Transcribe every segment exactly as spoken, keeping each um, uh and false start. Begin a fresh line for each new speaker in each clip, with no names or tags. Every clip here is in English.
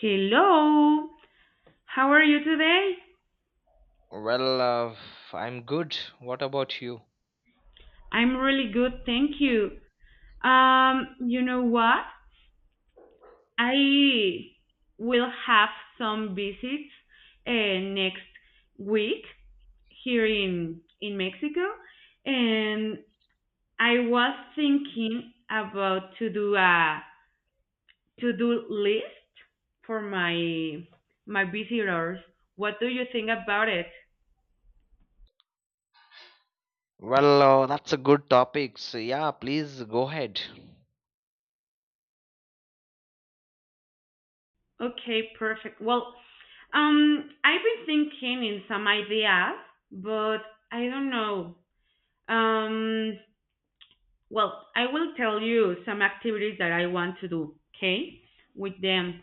Hello. How are you today?
Well, uh, I'm good. What about you?
I'm really good, thank you. Um, you know what? I will have some visits uh, next week here in in Mexico, and I was thinking about to do a to-do list for my my visitors. What do you think about it?
Well, uh, that's a good topic. So, yeah, please go ahead.
Okay, perfect. Well, Um, I've been thinking in some ideas, but I don't know. Um, well, I will tell you some activities that I want to do, okay? With them.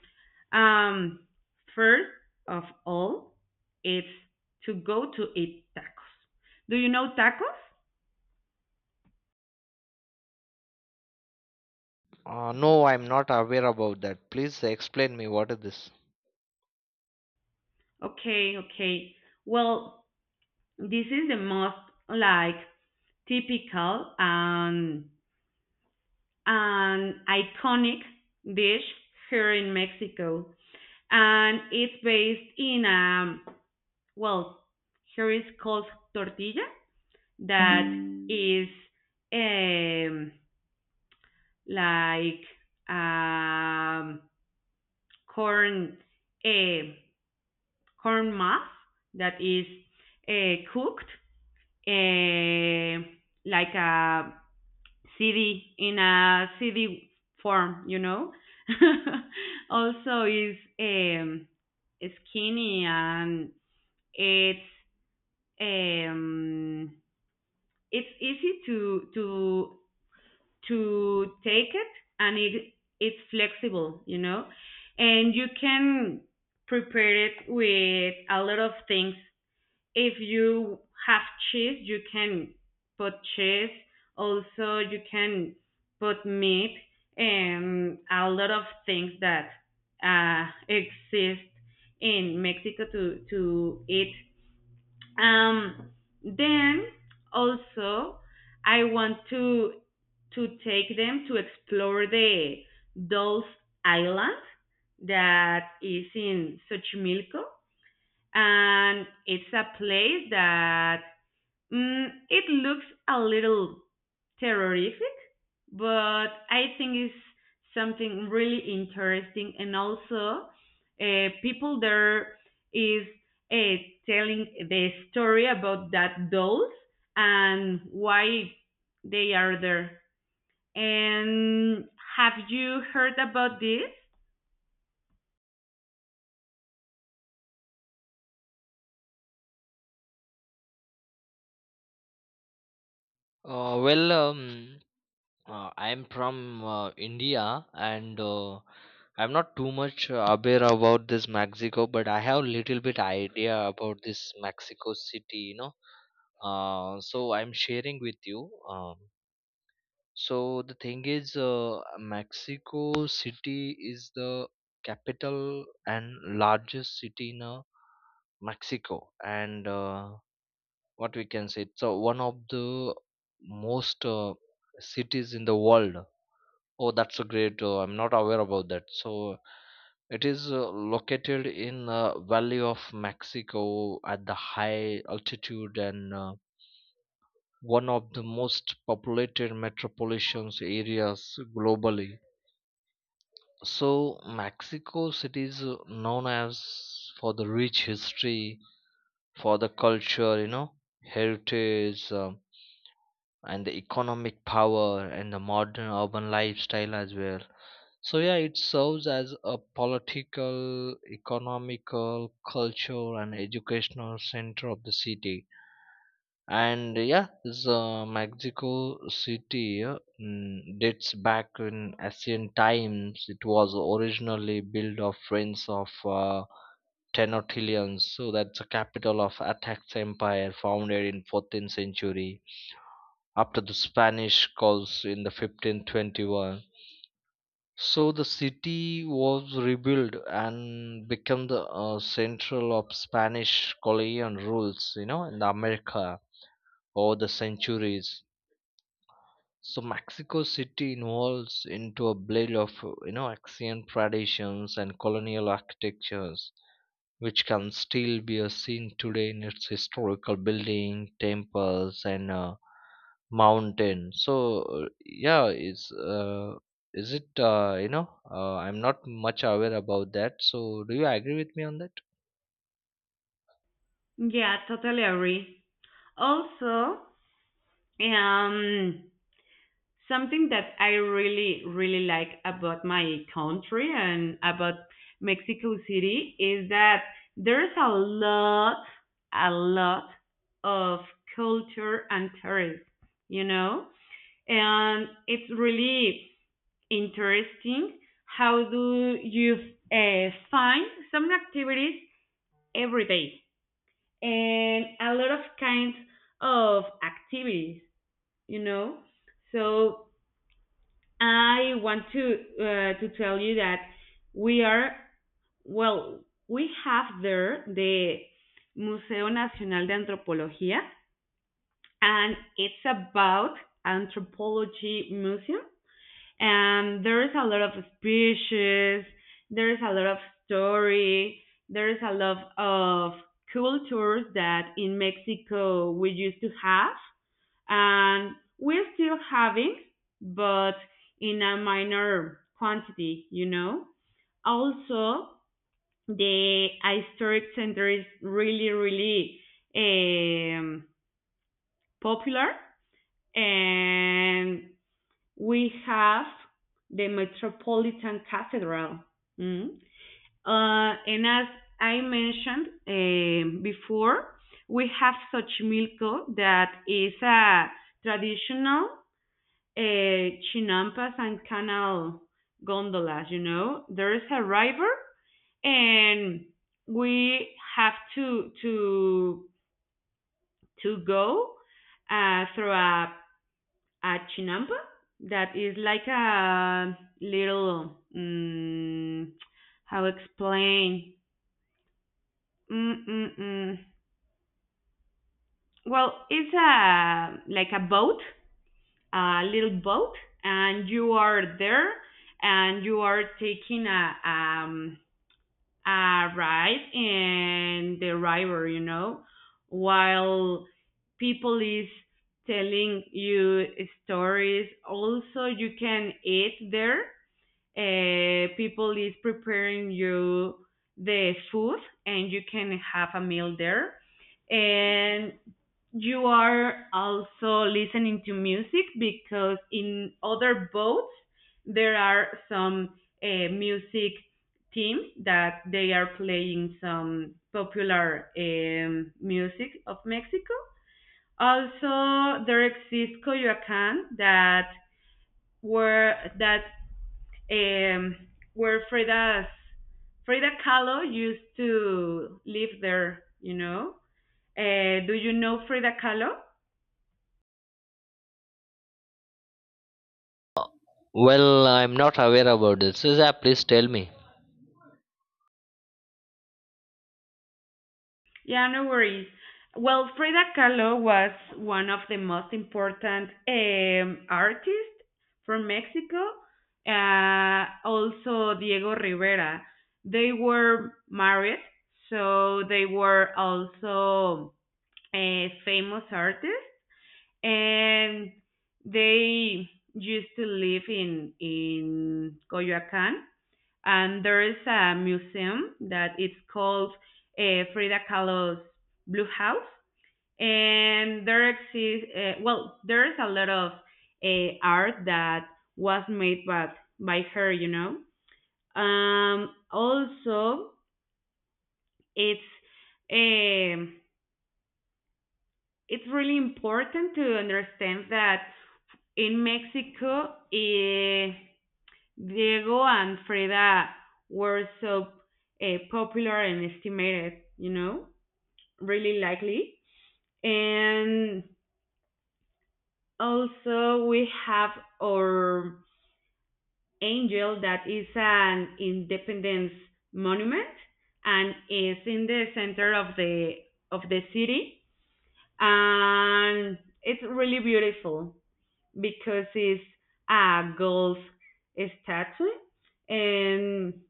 Um, First of all, it's to go to eat tacos. Do you know tacos?
Uh, no, I'm not aware about that. Please explain me what is this?
Okay, okay. Well, this is the most like typical and an iconic dish here in Mexico, and it's based in um well, here is called tortilla that mm. is um like um corn, a uh, corn mass that is uh, cooked uh, like a city, in a city form, you know. Also is um skinny, and it's um, it's easy to to to take it, and it it's flexible, you know. And you can prepare it with a lot of things. If you have cheese, you can put cheese. Also you can put meat and a lot of things that uh, exist in Mexico to to eat. um, then also I want to to take them to explore the Dolls Island that is in Xochimilco, and it's a place that mm, it looks a little terrific, but I think it's something really interesting. And also, uh, people there is uh, telling the story about that dolls and why they are there. And have you heard about this?
Uh, well, um, Uh, I'm from uh, India and uh, I'm not too much uh, aware about this Mexico, but I have little bit idea about this Mexico City, you know. Uh, so I'm sharing with you. Um, so the thing is, uh, Mexico City is the capital and largest city in uh, Mexico, and uh, what we can say, it's uh, one of the most uh, cities in the world. Oh, that's a great. Uh, I'm not aware about that. So it is uh, located in uh, Valley of Mexico at the high altitude and uh, one of the most populated metropolitan areas globally. So Mexico City is uh, known as for the rich history, for the culture, you know, heritage, um and the economic power and the modern urban lifestyle as well. So yeah, it serves as a political, economical, cultural, and educational center of the city. And yeah, the Mexico City uh, mm, dates back in ancient times. It was originally built of friends of uh, Tenochtitlan, so that's the capital of Atax Empire, founded in fourteenth century after the Spanish calls in the fifteen twenty-one, so the city was rebuilt and became the uh, central of Spanish colonial rules, you know, in America over the centuries. So Mexico City evolves into a blend of uh, you know, ancient traditions and colonial architectures, which can still be uh, seen today in its historical building, temples, and uh, mountain. So uh, yeah is uh, is it uh, You know, uh, I'm not much aware about that, so do you agree with me on that?
Yeah, totally agree. Also, um, something that I really, really like about my country and about Mexico City is that there's a lot, a lot of culture and tourism, you know? And it's really interesting how do you uh, find some activities every day and a lot of kinds of activities, you know? So I want to uh, to tell you that we are well we have there the Museo Nacional de Antropología, and it's about anthropology museum, and there is a lot of species, there is a lot of story, there is a lot of cultures that in Mexico we used to have and we're still having, but in a minor quantity, you know. Also, the historic center is really, really um, popular, and we have the Metropolitan Cathedral. Mm. Uh, and as I mentioned um before, we have Xochimilco that is a traditional uh, chinampas and canal gondolas, you know. There is a river, and we have to to to go uh, through a, a chinampa that is like a little um, how explain. Mm-mm-mm. Well, it's a like a boat, a little boat, and you are there, and you are taking a um, uh, ride and the river, you know, while people is telling you stories. Also, you can eat there. Uh, people is preparing you the food and you can have a meal there. And you are also listening to music because in other boats there are some uh, music teams that they are playing some popular um, music of Mexico. Also, there exists Coyoacan that were that um, where Freda's Frida Kahlo used to live there. You know, uh, do you know Frida Kahlo?
Well, I'm not aware about this. So, yeah, please tell me.
Yeah, no worries. Well, Frida Kahlo was one of the most important um, artists from Mexico. Uh, also, Diego Rivera. They were married, so they were also a famous artists, and they used to live in in Coyoacán. And there is a museum that it's called uh, Frida Kahlo's Blue House. And there exists, uh, well, there is a lot of uh, art that was made by, by her, you know. Um, also, it's um it's really important to understand that in Mexico, eh, Diego and Freda were so uh, popular and estimated, you know, really likely. And also we have our angel that is an independence monument and is in the center of the of the city, and it's really beautiful because it's a gold statue and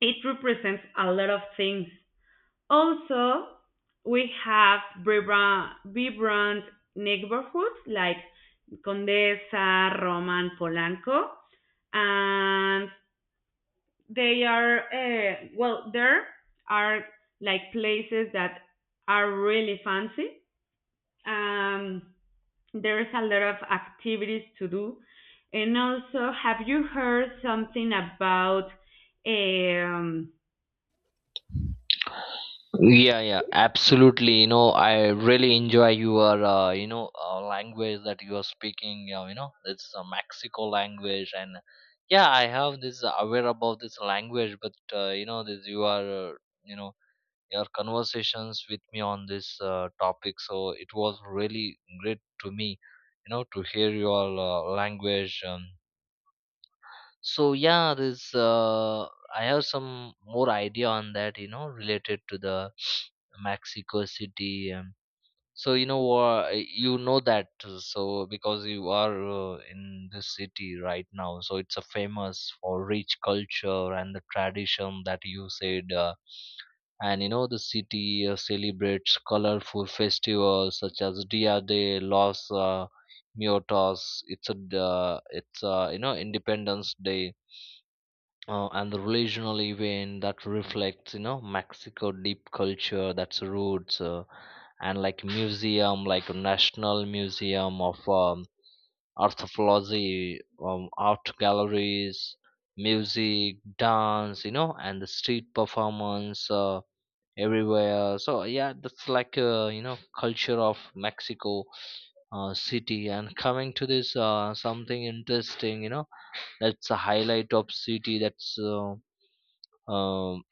it represents a lot of things. Also, we have vibrant, vibrant neighborhoods like Condesa, Roman, Polanco, and they are uh, well, there are like places that are really fancy. Um, there is a lot of activities to do, and also, have you heard something about eh, um,
Yeah, yeah, absolutely. You know, I really enjoy your, uh, you know, uh, language that you are speaking. Uh, you know, it's a Mexico language, and yeah, I have this aware about this language, but uh, you know, this you are, uh, you know. Your conversations with me on this uh, topic. So it was really great to me, you know, to hear your uh, language. Um, so yeah, this uh, I have some more idea on that, you know, related to the Mexico City. Um, so you know, uh, you know that. Uh, So because you are uh, in this city right now, so it's a famous for rich culture and the tradition that you said. Uh, and you know the city uh, celebrates colorful festivals such as Dia de los uh, Muertos. It's a uh, it's uh, you know, Independence Day, uh, and the regional event that reflects you know Mexico deep culture that's roots, uh, and like museum like National Museum of um, Anthropology, um, art galleries, music, dance, you know, and the street performance. Uh, everywhere. So yeah, that's like uh, you know, culture of Mexico uh, city. And coming to this uh, something interesting, you know, that's a highlight of city, that's uh, um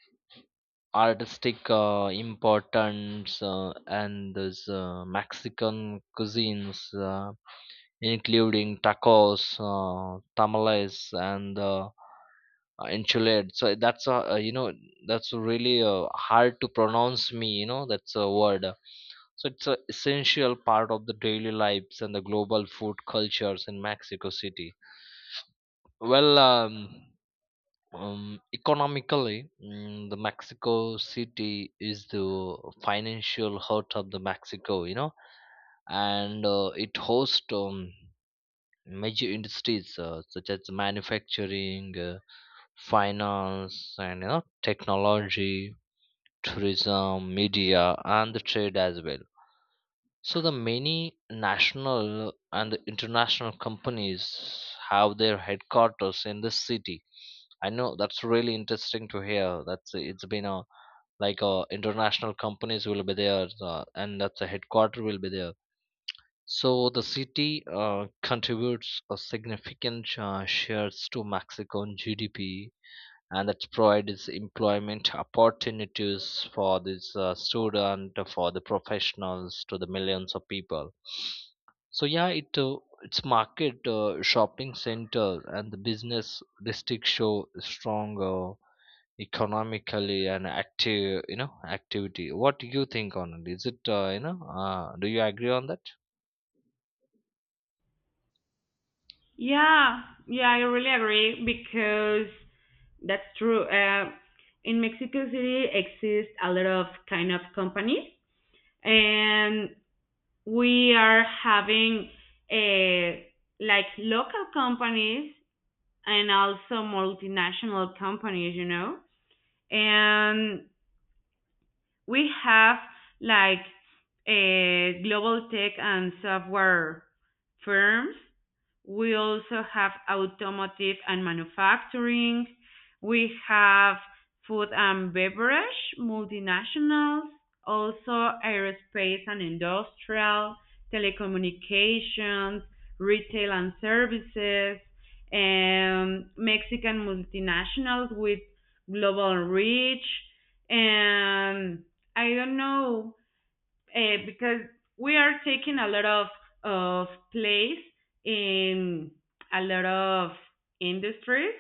artistic uh, importance, uh, and this uh, Mexican cuisines, uh, including tacos, uh, tamales, and uh, uh, enchilada. So that's a uh, you know, that's really uh, hard to pronounce me. You know, that's a word. So it's an essential part of the daily lives and the global food cultures in Mexico City. Well, um, um, Economically, mm, the Mexico City is the financial heart of the Mexico. You know, and uh, it hosts. Um, major industries uh, such as manufacturing, uh, finance, and you know, technology, tourism, media, and the trade as well. So the many national and international companies have their headquarters in this city. I know that's really interesting to hear. That's it's been a like a international companies will be there, uh, and that's a headquarter will be there. So the city uh, contributes a significant uh, shares to Mexican G D P, and that provides employment opportunities for this uh, student, for the professionals, to the millions of people. So yeah, it uh, its market, uh, shopping center, and the business district show strong uh, economically an active, you know, activity. What do you think on it? Is it uh, you know uh, Do you agree on that?
yeah, yeah, I really agree because that's true. Uh, in Mexico City exist a lot of kind of companies, and we are having uh like local companies and also multinational companies, you know, and we have like a global tech and software firms. We also have automotive and manufacturing. We have food and beverage, multinationals, also aerospace and industrial, telecommunications, retail and services, and Mexican multinationals with global reach. And I don't know, uh, because we are taking a lot of of place in a lot of industries,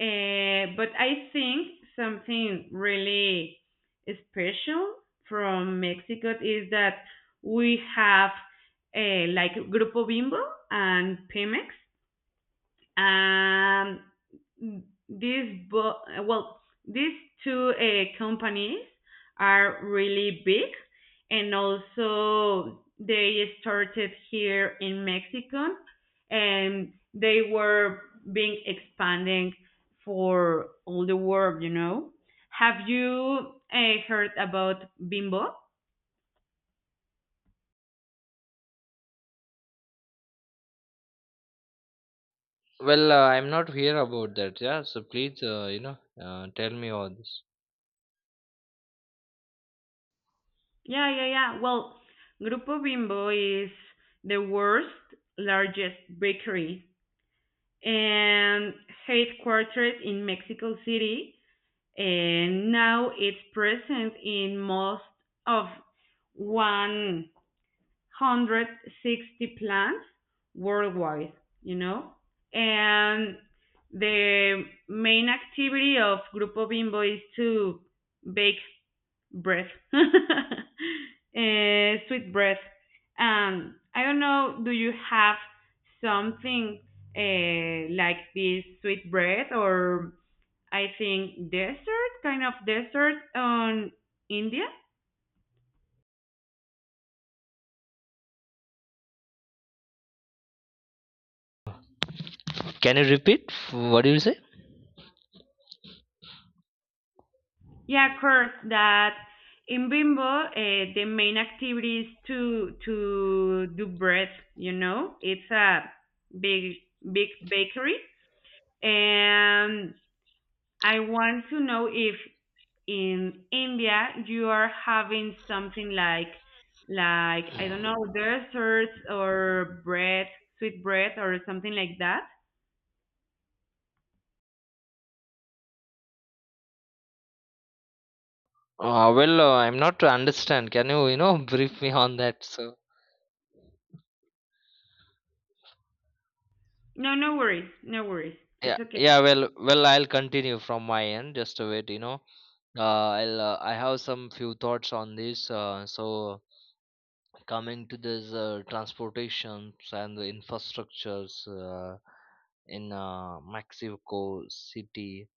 uh, but I think something really special from Mexico is that we have uh, like Grupo Bimbo and Pemex. Um, these bo- well, these two uh, companies are really big, and also they started here in Mexico, and they were being expanding for all the world. You know, have you uh, heard about Bimbo?
Well uh, I'm not here about that. Yeah, so please, uh, you know uh, tell me all this.
Yeah, yeah, yeah. Well, Grupo Bimbo is the world's largest bakery and headquartered in Mexico City. And now it's present in most of one hundred sixty plants worldwide, you know? And the main activity of Grupo Bimbo is to bake breath, eh, sweet breath. Um, I don't know. Do you have something uh, like this sweet breath, or I think desert, kind of desert on India?
Can you repeat what do you say?
Yeah, of course. That in Bimbo, uh, the main activity is to to do breath. You know, it's a big big bakery, and I want to know if in India, you are having something like like I don't know desserts or bread, sweet bread or something like that.
Uh, well, uh, I'm not to understand. Can you, you know, brief me on that? So,
No, no worries, no worries. It's
yeah,
okay.
yeah. Well, well, I'll continue from my end. Just a wait, you know. Uh, I'll, uh, I have some few thoughts on this. Uh, so, coming to this uh, transportations and the infrastructures uh, in uh, Mexico City.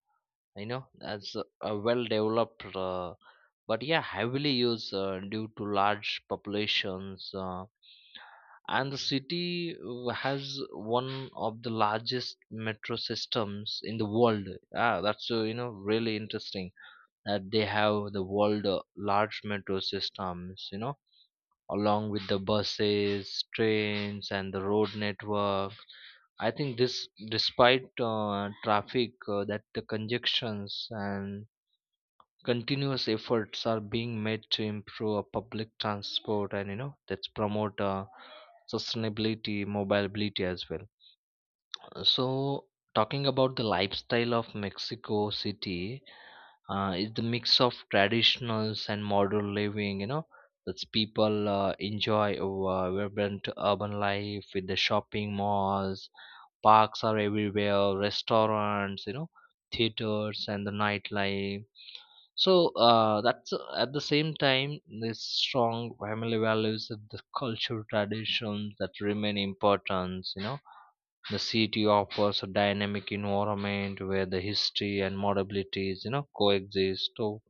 You know, as a, well developed, uh, but yeah heavily used uh, due to large populations, uh, and the city uh, has one of the largest metro systems in the world. Ah, that's uh, you know, really interesting that they have the world uh, large metro systems, you know, along with the buses, trains, and the road network. I think this, despite uh, traffic, uh, that the congestions and continuous efforts are being made to improve our public transport, and you know that's promote uh, sustainability, mobility as well. So talking about the lifestyle of Mexico City, uh, it's the mix of traditionals and modern living, you know, that's people uh, enjoy uh, vibrant urban life with the shopping malls, parks are everywhere, restaurants, you know, theaters, and the nightlife. So uh, that's uh, at the same time this strong family values and the cultural traditions that remain important, you know, the city offers a dynamic environment where the history and modernity, you know, coexist. So,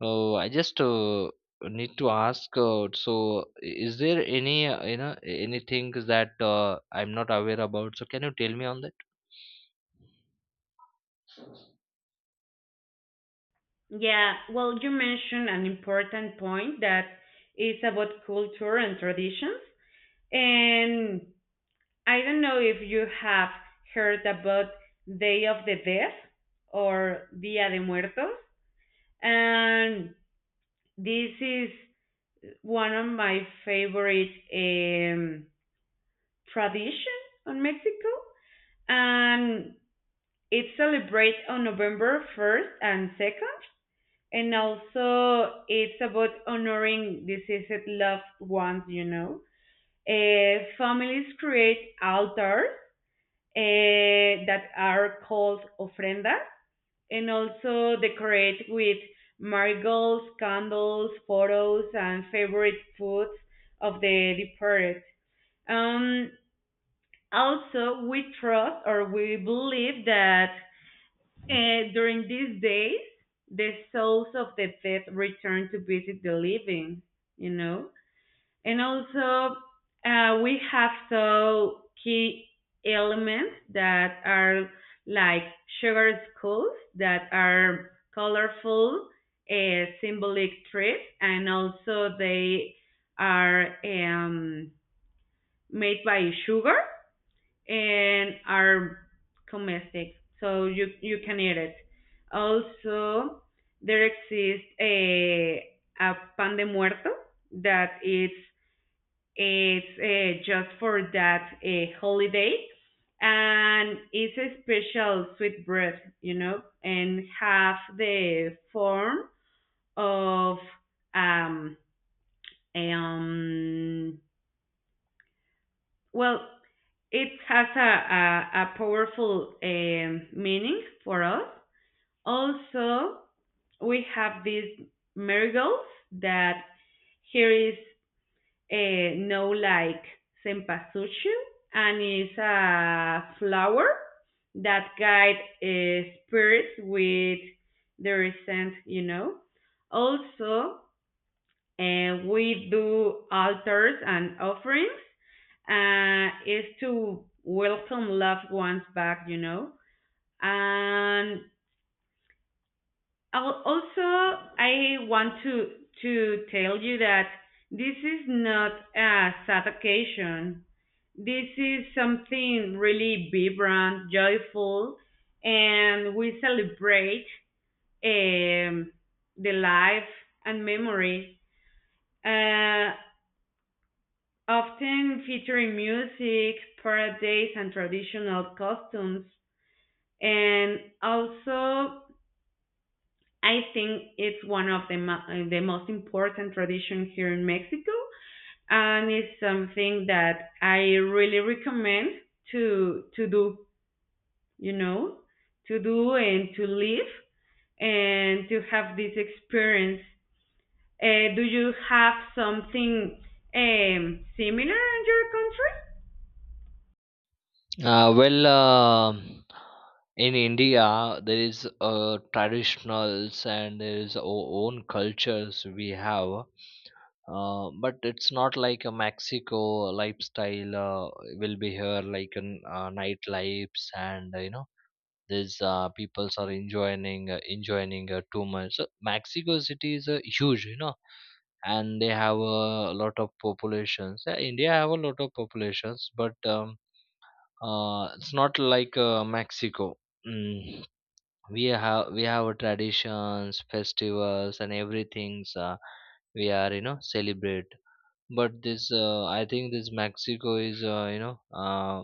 oh, I just uh, need to ask. Uh, so, is there any uh, you know, anything that uh, I'm not aware about? So, can you tell me on that?
Yeah, well, you mentioned an important point that is about culture and traditions. And I don't know if you have heard about Day of the Dead or Dia de Muertos. And this is one of my favorite um, tradition on Mexico, and it celebrates on November first and second, and also it's about honoring deceased loved ones. You know, uh, families create altars uh, that are called ofrendas, and also decorate with marigolds, candles, photos, and favorite foods of the departed. Um, also, we trust or we believe that uh, during these days, the souls of the dead return to visit the living, you know? And also, uh, we have so key elements that are like sugar skulls that are colorful, uh, symbolic trees, and also they are um, made by sugar and are comestic, so you you can eat it. Also, there exists a a pan de muerto that it's it's uh, just for that a holiday, and it's a special sweet bread, you know, and have the form of um um well, it has a, a, a powerful um, meaning for us. Also, we have these miracles that here is a no like sempasuchu, and it's a flower that guide uh, spirits with their scent, you know. Also, uh, we do altars and offerings uh, is to welcome loved ones back, you know. And also, I want to to tell you that this is not a sad occasion. This is something really vibrant, joyful, and we celebrate um, the life and memory. Uh, often featuring music, parades, and traditional costumes. And also, I think it's one of the, mo- the most important tradition here in Mexico, and it's something that I really recommend to to do. You know, to do and to live and to have this experience. Uh, do you have something um, similar in your country?
Uh, well, um in India, there is uh, traditionals and there is our own cultures we have. Uh, but it's not like a Mexico lifestyle uh, will be here, like a uh, nightlives and uh, you know, these uh, peoples are enjoying uh, enjoying uh, too much. So Mexico City is uh, huge, you know, and they have a lot of populations. Yeah, India have a lot of populations, but um, uh, it's not like uh, Mexico. mm. we have we have a traditions festivals and everything's, uh, we are you know celebrate, but this uh, I think this Mexico is uh, you know uh,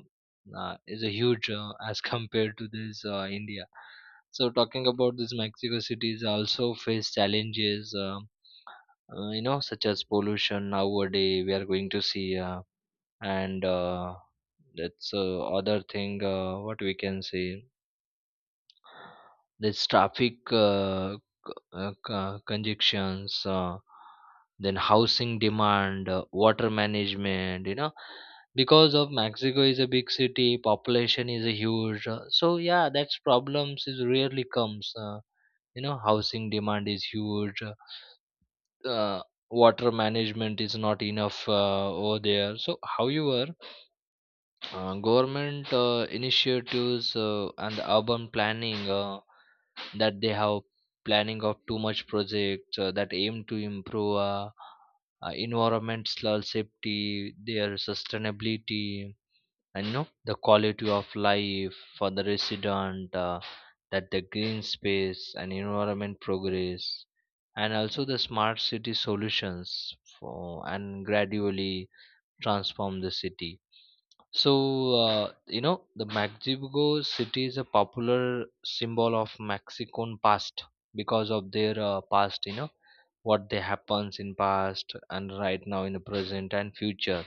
uh, is a huge, uh, as compared to this uh, India. So talking about this Mexico cities also face challenges, uh, uh, you know, such as pollution nowadays we are going to see, uh, and uh, that's uh, other thing, uh, what we can say, this traffic, uh, uh, co- conjunctions, uh, then housing demand, uh, water management, you know, because of Mexico is a big city, population is a huge, uh, so yeah that's problems is rarely comes, uh, you know, housing demand is huge, uh, water management is not enough uh, over there. So however, uh, government uh, initiatives uh, and urban planning, uh, that they have planning of too much projects uh, that aim to improve, uh, uh, environmental safety, their sustainability, and you know, the quality of life for the resident, uh, that the green space and environment progress, and also the smart city solutions for and gradually transform the city. So, uh, you know, the Magdeburgo city is a popular symbol of Mexican past because of their uh, past, you know, what they happens in past and right now in the present and future.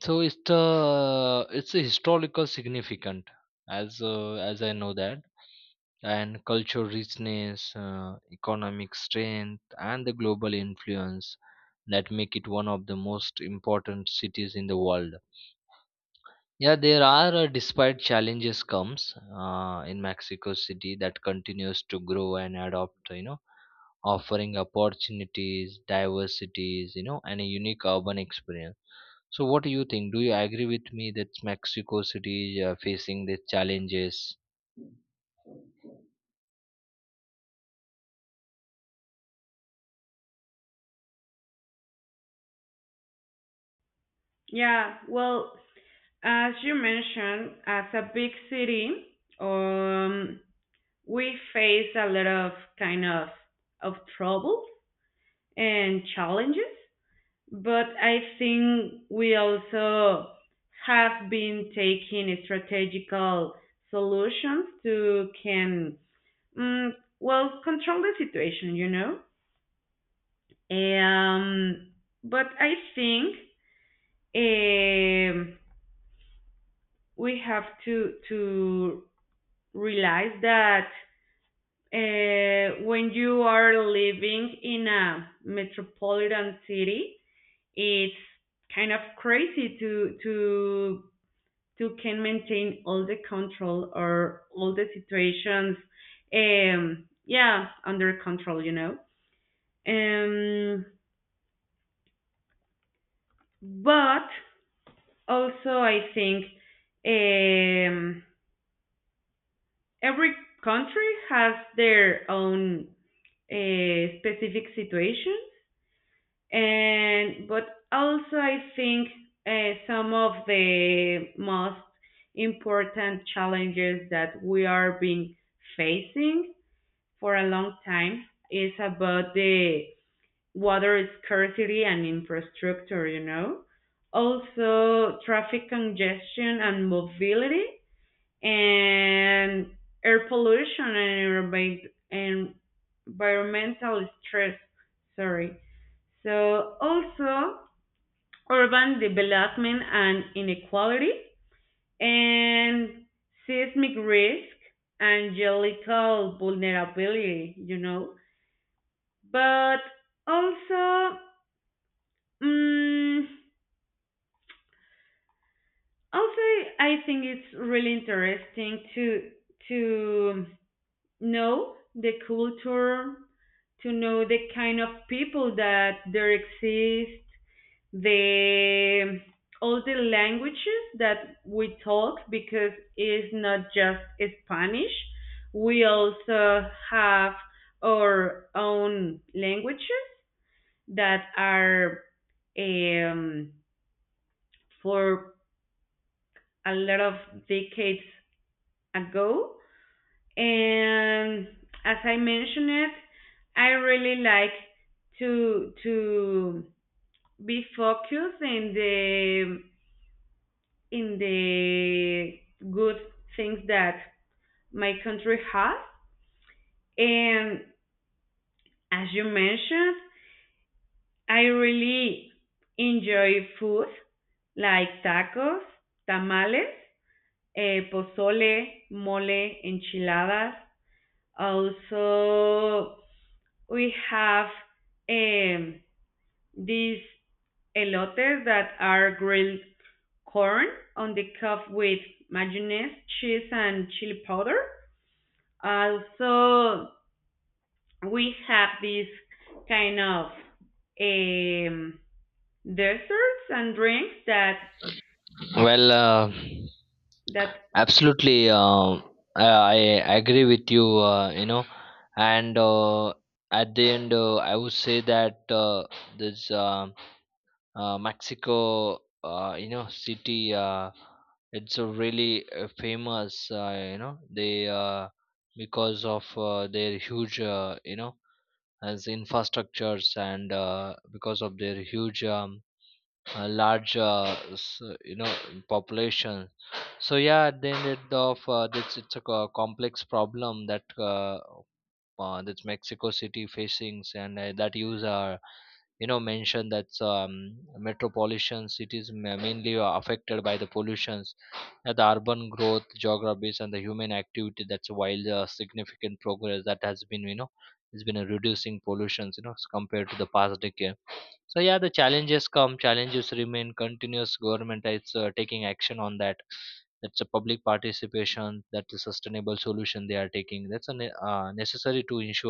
So it's the it's a historical significant, as uh, as I know that, and cultural richness, uh, economic strength, and the global influence that make it one of the most important cities in the world. Yeah, there are, uh, despite challenges comes uh, in Mexico City that continues to grow and adopt, you know, offering opportunities, diversities, you know, and a unique urban experience. So, what do you think? Do you agree with me that Mexico City is uh, facing these challenges?
Yeah, well, as you mentioned, as a big city, um, we face a lot of kind of of troubles and challenges, but I think we also have been taking strategical solutions to can mm, well control the situation, you know. Um, but I think um, we have to to realize that uh, when you are living in a metropolitan city, it's kind of crazy to to to can maintain all the control or all the situations. Um, yeah, under control, you know. Um, but also, I think um, every country has their own uh, specific situation. And but also I think uh, some of the most important challenges that we are being facing for a long time is about the water scarcity and infrastructure, you know. Also traffic congestion and mobility and air pollution and environment- environmental stress. Sorry. So also urban development and inequality, and seismic risk and geological vulnerability, you know. But also, mm also, I think it's really interesting to to know the culture, to know the kind of people that there exist, the all the languages that we talk because it's not just Spanish. We also have our own languages that are um, for a lot of decades ago. And as I mentioned it, I really like to to be focused in the in the good things that my country has. And as you mentioned, I really enjoy food like tacos, tamales, eh, pozole, mole, enchiladas. Also, we have um, these elotes that are grilled corn on the cup with mayonnaise, cheese, and chili powder. Also, we have this kind of um, desserts and drinks that
Well, uh,
that
absolutely. um I, I agree with you. Uh, you know, and uh, at the end, uh, I would say that uh, this. Um uh, Mexico, uh, you know, city. Uh, it's a really uh, famous, uh, you know, they uh, because of uh, their huge, uh, you know, as infrastructures and uh, because of their huge, um, uh, large, uh, s- you know, population. So yeah, at the end of uh, this, it's a co- complex problem that uh, uh, that's Mexico City facings, and uh, that use are you know mentioned that's um, metropolitan cities ma- mainly are affected by the pollutions, uh, the urban growth, geographies, and the human activity. That's while the significant progress that has been you know has been uh, reducing pollutions, you know, as compared to the past decade. So yeah, the challenges come, challenges remain. Continuous government is uh, taking action on that, that's a public participation. That's a sustainable solution they are taking. That's a ne- uh, necessary to ensure